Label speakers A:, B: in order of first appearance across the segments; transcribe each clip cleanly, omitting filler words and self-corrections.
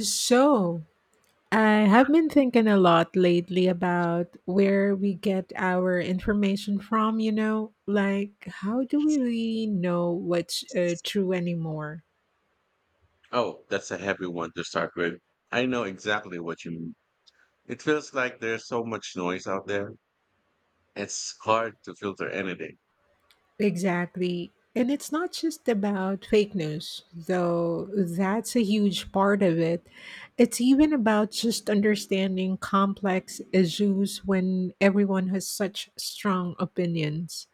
A: So, I have been thinking a lot lately about where we get our information from, you know? Like, how do we really know what's true anymore?
B: Oh, that's a heavy one to start with. I know exactly what you mean. It feels like there's so much noise out there. It's hard to filter anything.
A: Exactly. And it's not just about fake news, though that's a huge part of it. It's even about just understanding complex issues when everyone has such strong opinions.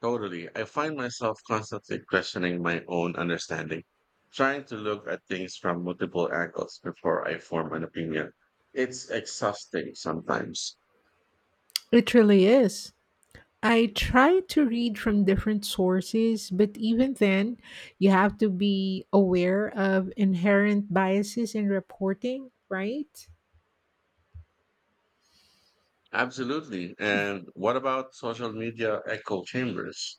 B: Totally. I find myself constantly questioning my own understanding, trying to look at things from multiple angles before I form an opinion. It's exhausting sometimes.
A: It really is. I try to read from different sources, but even then, you have to be aware of inherent biases in reporting, right?
B: Absolutely. And what about social media echo chambers?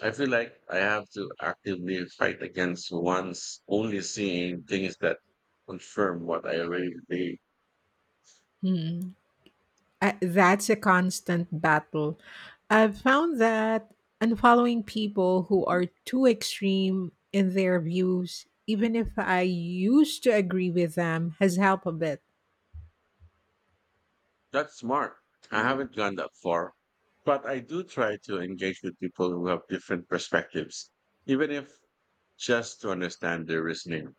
B: I feel like I have to actively fight against one's only seeing things that confirm what I already believe.
A: Hmm. That's a constant battle. I've found that unfollowing people who are too extreme in their views, even if I used to agree with them, has helped a bit.
B: That's smart. I haven't gone that far, but I do try to engage with people who have different perspectives, even if just to understand their reasoning.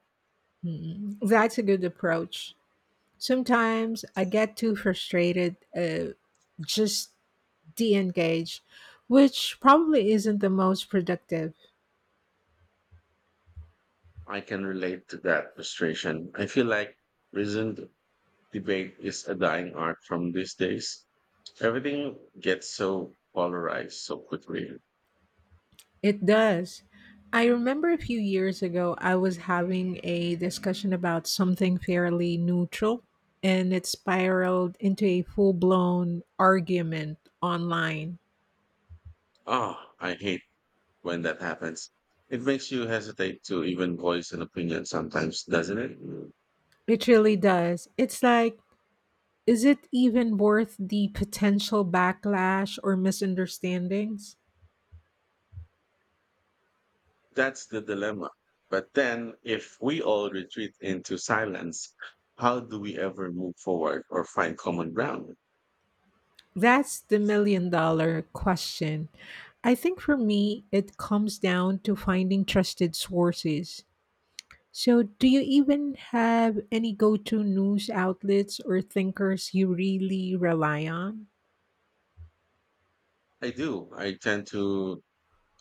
A: Mm, that's a good approach. Sometimes I get too frustrated, just de engage, which probably isn't the most productive.
B: I can relate to that frustration. I feel like reasoned debate is a dying art from these days. Everything gets so polarized so quickly.
A: It does. I remember a few years ago, I was having a discussion about something fairly neutral, and it spiraled into a full blown argument online.
B: Ah, I hate when that happens. It makes you hesitate to even voice an opinion sometimes, doesn't it?
A: It really does. It's like, is it even worth the potential backlash or misunderstandings?
B: That's the dilemma. But then, if we all retreat into silence, how do we ever move forward or find common ground?
A: That's the million dollar question. I think for me, it comes down to finding trusted sources. So, do you even have any go to news outlets or thinkers you really rely on?
B: I do. I tend to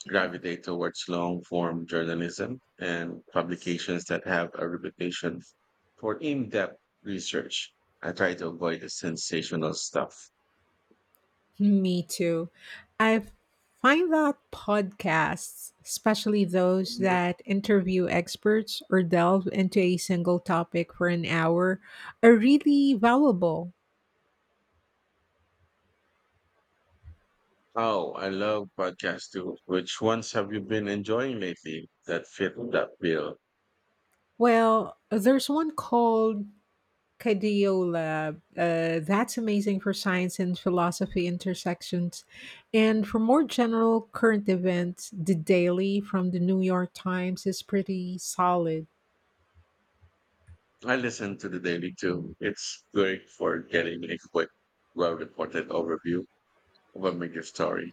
B: gravitate towards long form journalism and publications that have a reputation for in depth research. I try to avoid the sensational stuff.
A: Me too. I find that podcasts, especially those that interview experts or delve into a single topic for an hour, are really valuable.
B: Oh, I love podcasts too. Which ones have you been enjoying lately that fit that bill?
A: Well, there's one called Cardiolab. That's amazing for science and philosophy intersections. And for more general current events, The Daily from the New York Times is pretty solid.
B: I listen to the daily too. It's great for getting a quick, well-reported overview of a major story.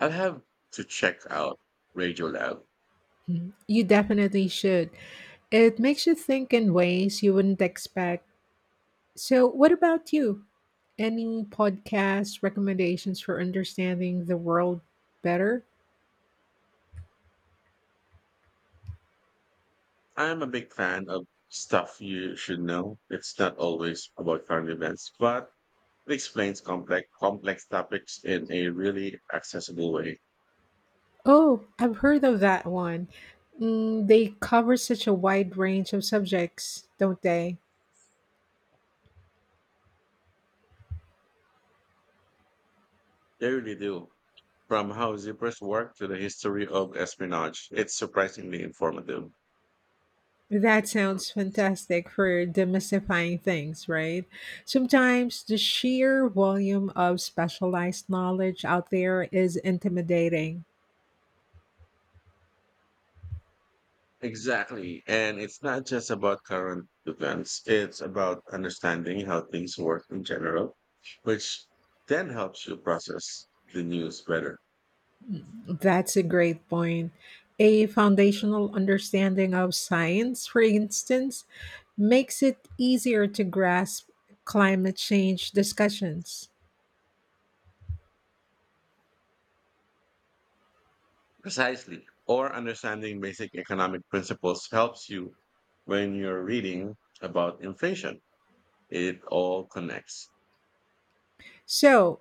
B: I'll have to check out Radio Lab.
A: Mhm. You definitely should. It makes you think in ways you wouldn't expect. So, what about you? Any podcast recommendations for understanding the world better?
B: I'm a big fan of stuff you should know. It's not always about current events, but it explains complex topics in a really accessible way.
A: Oh, I've heard of that one. Mm, they cover such a wide range of subjects, don't they?
B: They really do. From how zippers work to the history of espionage, it's surprisingly informative.
A: That sounds fantastic for demystifying things, right? Sometimes the sheer volume of specialized knowledge out there is intimidating.
B: Exactly. And it's not just about current events, it's about understanding how things work in general, which then helps you process the news better.
A: That's a great point. A foundational understanding of science, for instance, makes it easier to grasp climate change discussions.
B: Precisely. Or understanding basic economic principles helps you when you're reading about inflation. It all connects.
A: So,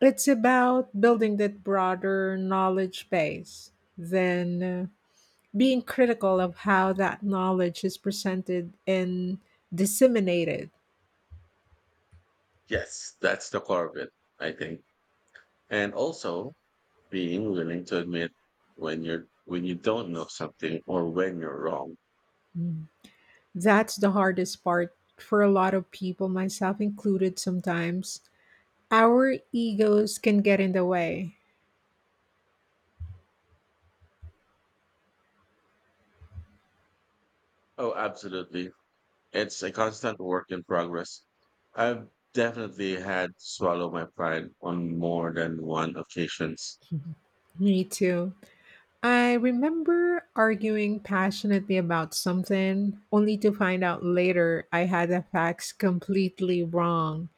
A: it's about building that broader knowledge base. Then being critical of how that knowledge is presented and disseminated.
B: Yes, that's the core of it, I think. And also, being willing to admit when you don't know something or when you're wrong.
A: Mm. That's the hardest part for a lot of people, myself included sometimes. Our egos can get in the way.
B: Oh, absolutely. It's a constant work in progress. I've definitely had to swallow my pride on more than one occasions.
A: Me too. I remember arguing passionately about something, only to find out later I had the facts completely wrong.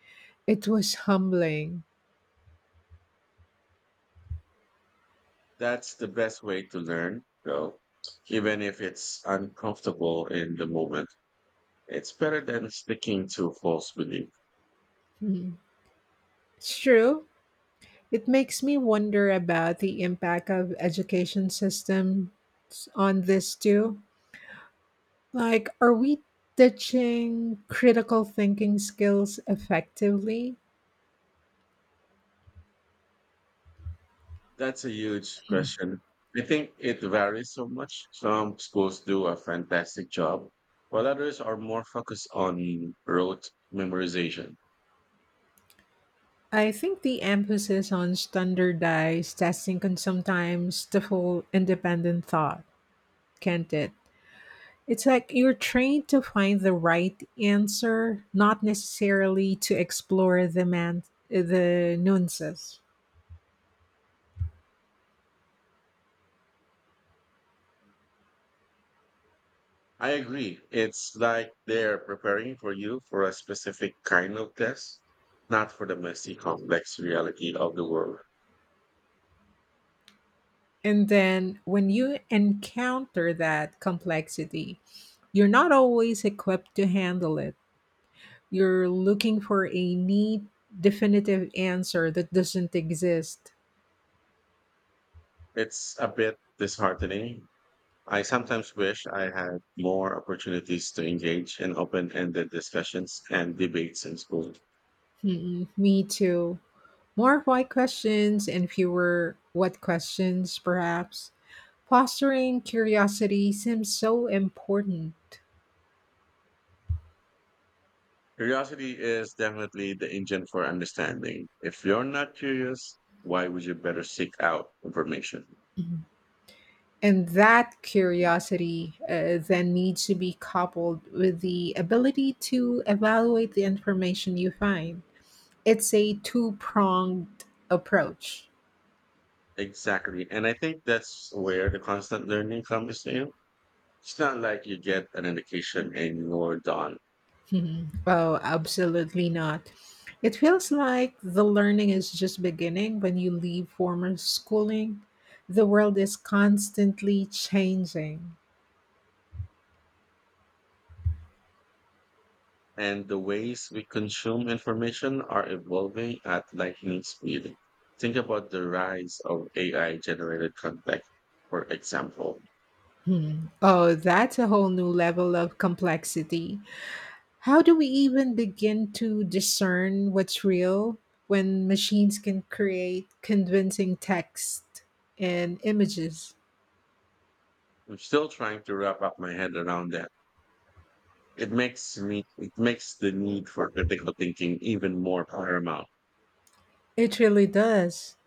A: It was humbling.
B: That's the best way to learn, though. Even if it's uncomfortable in the moment, it's better than sticking to false beliefs.
A: Mhm. It's true. It makes me wonder about the impact of education systems on this too. Like, are we teaching critical thinking skills effectively?
B: That's a huge question. I think it varies so much. Some schools do a fantastic job, while others are more focused on rote memorization.
A: I think the emphasis on standardized testing can sometimes stifle independent thought, can't it? It's like you're trained to find the right answer, not necessarily to explore the nuances.
B: I agree. It's like they're preparing for you for a specific kind of test, not for the messy, complex reality of the world.
A: And then when you encounter that complexity, you're not always equipped to handle it. You're looking for a neat, definitive answer that doesn't exist.
B: It's a bit disheartening. I sometimes wish I had more opportunities to engage in open ended discussions and debates in school.
A: Mm-mm, me too. More why questions and fewer what questions, perhaps. Fostering curiosity seems so important.
B: Curiosity is definitely the engine for understanding. If you're not curious, why would you better seek out information?
A: Mm-hmm. And that curiosity, then needs to be coupled with the ability to evaluate the information you find. It's a two pronged approach.
B: Exactly. And I think that's where the constant learning comes in. It's not like you get an education and you're done.
A: Mhm. Oh, absolutely not. It feels like the learning is just beginning when you leave former schooling. The world is constantly changing.
B: And the ways we consume information are evolving at lightning speed. Think about the rise of AI generated content, for example.
A: Hmm. Oh, that's a whole new level of complexity. How do we even begin to discern what's real when machines can create convincing text and images?
B: I'm still trying to wrap up my head around that. It makes the need for critical thinking even more paramount.
A: It really does.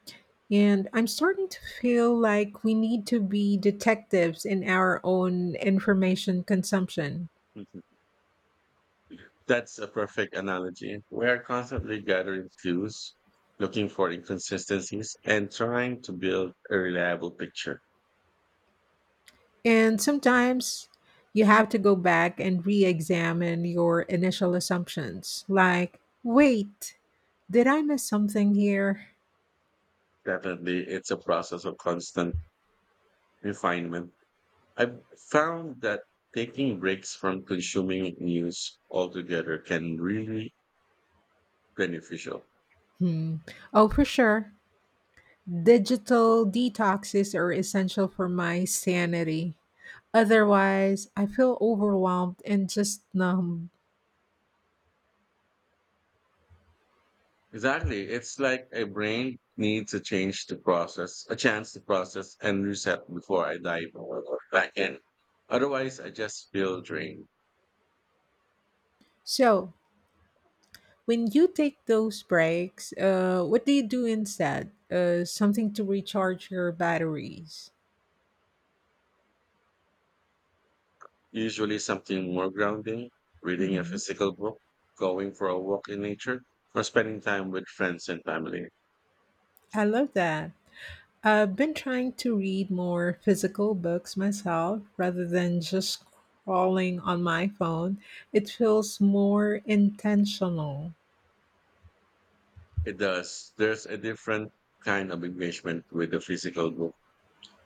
A: And I'm starting to feel like we need to be detectives in our own information consumption.
B: Mhm. That's a perfect analogy. We are constantly gathering clues, looking for inconsistencies, and trying to build a reliable picture.
A: And sometimes you have to go back and re examine your initial assumptions. Like, wait, did I miss something here?
B: Definitely, it's a process of constant refinement. I've found that taking breaks from consuming news altogether can really beneficial.
A: Hmm. Oh, for sure. Digital detoxes are essential for my sanity. Otherwise, I feel overwhelmed and just numb.
B: Exactly. It's like a brain needs a chance to process and reset before I dive back in. Otherwise, I just feel drained.
A: So, when you take those breaks, what do you do instead? Something to recharge your batteries.
B: Usually something more grounding, reading a
A: Mhm.
B: physical book, going for a walk in nature, or spending time with friends and family.
A: I love that. I've been trying to read more physical books myself rather than just scrolling on my phone. It feels more intentional.
B: It does. There's a different kind of engagement with the physical book.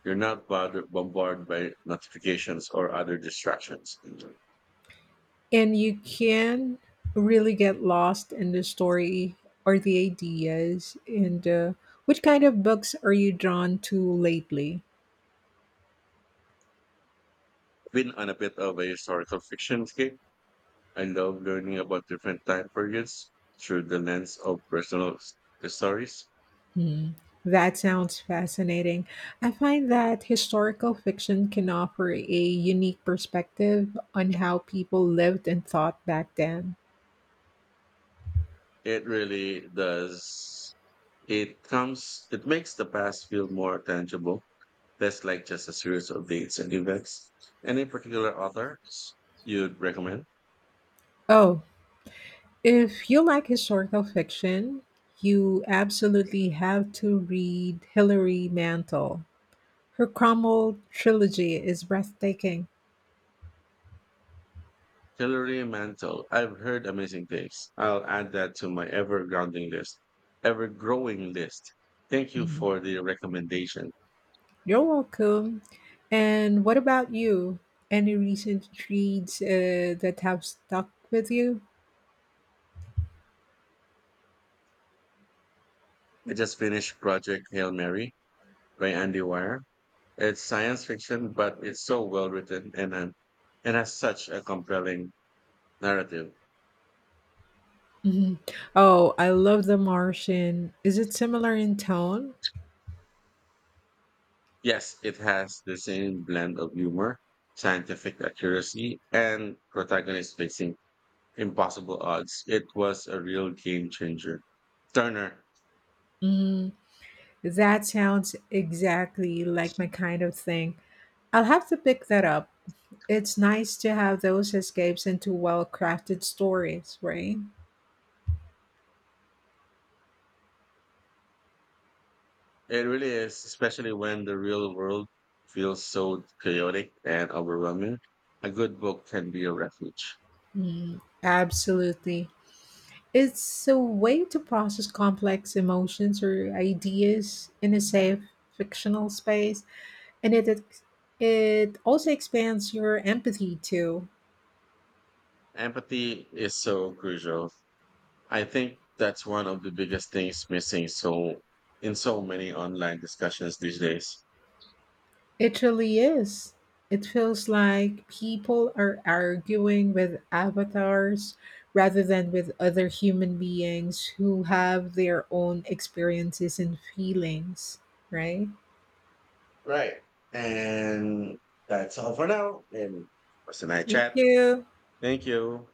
B: You're not bombarded by notifications or other distractions.
A: And you can really get lost in the story or the ideas. And which kind of books are you drawn to lately?
B: Been on a bit of a historical fiction kick. I love learning about different time periods through the lens of personal stories.
A: Hmm. That sounds fascinating. I find that historical fiction can offer a unique perspective on how people lived and thought back then.
B: It really does. It makes the past feel more tangible, less like just a series of dates and events. Any particular authors you'd recommend?
A: Oh, if you like historical fiction, you absolutely have to read Hilary Mantel. Her Cromwell trilogy is breathtaking.
B: Hilary Mantel. I've heard amazing things. I'll add that to my ever growing list. Thank you
A: Mhm.
B: for the recommendation.
A: You're welcome. And what about you? Any recent reads that have stuck with you?
B: I just finished Project Hail Mary by Andy Weir. It's science fiction, but it's so well written and has such a compelling narrative.
A: Mhm. Oh, I love The Martian. Is it similar in tone?
B: Yes, it has the same blend of humor, scientific accuracy, and protagonists facing impossible odds. It was a real game changer. Turner,
A: Mm, that sounds exactly like my kind of thing. I'll have to pick that up. It's nice to have those escapes into well crafted stories, right?
B: it really is, especially when the real world feels so chaotic and overwhelming. A good book can be a refuge.
A: Mm, absolutely. It's a way to process complex emotions or ideas in a safe fictional space, and it also expands your empathy too.
B: Empathy is so crucial. I think that's one of the biggest things missing in so many online discussions these days.
A: It really is. It feels like people are arguing with avatars rather than with other human beings who have their own experiences and feelings, right?
B: Right. And that's all for now. And it was a nice
A: Thank
B: chat.
A: you.
B: Thank you.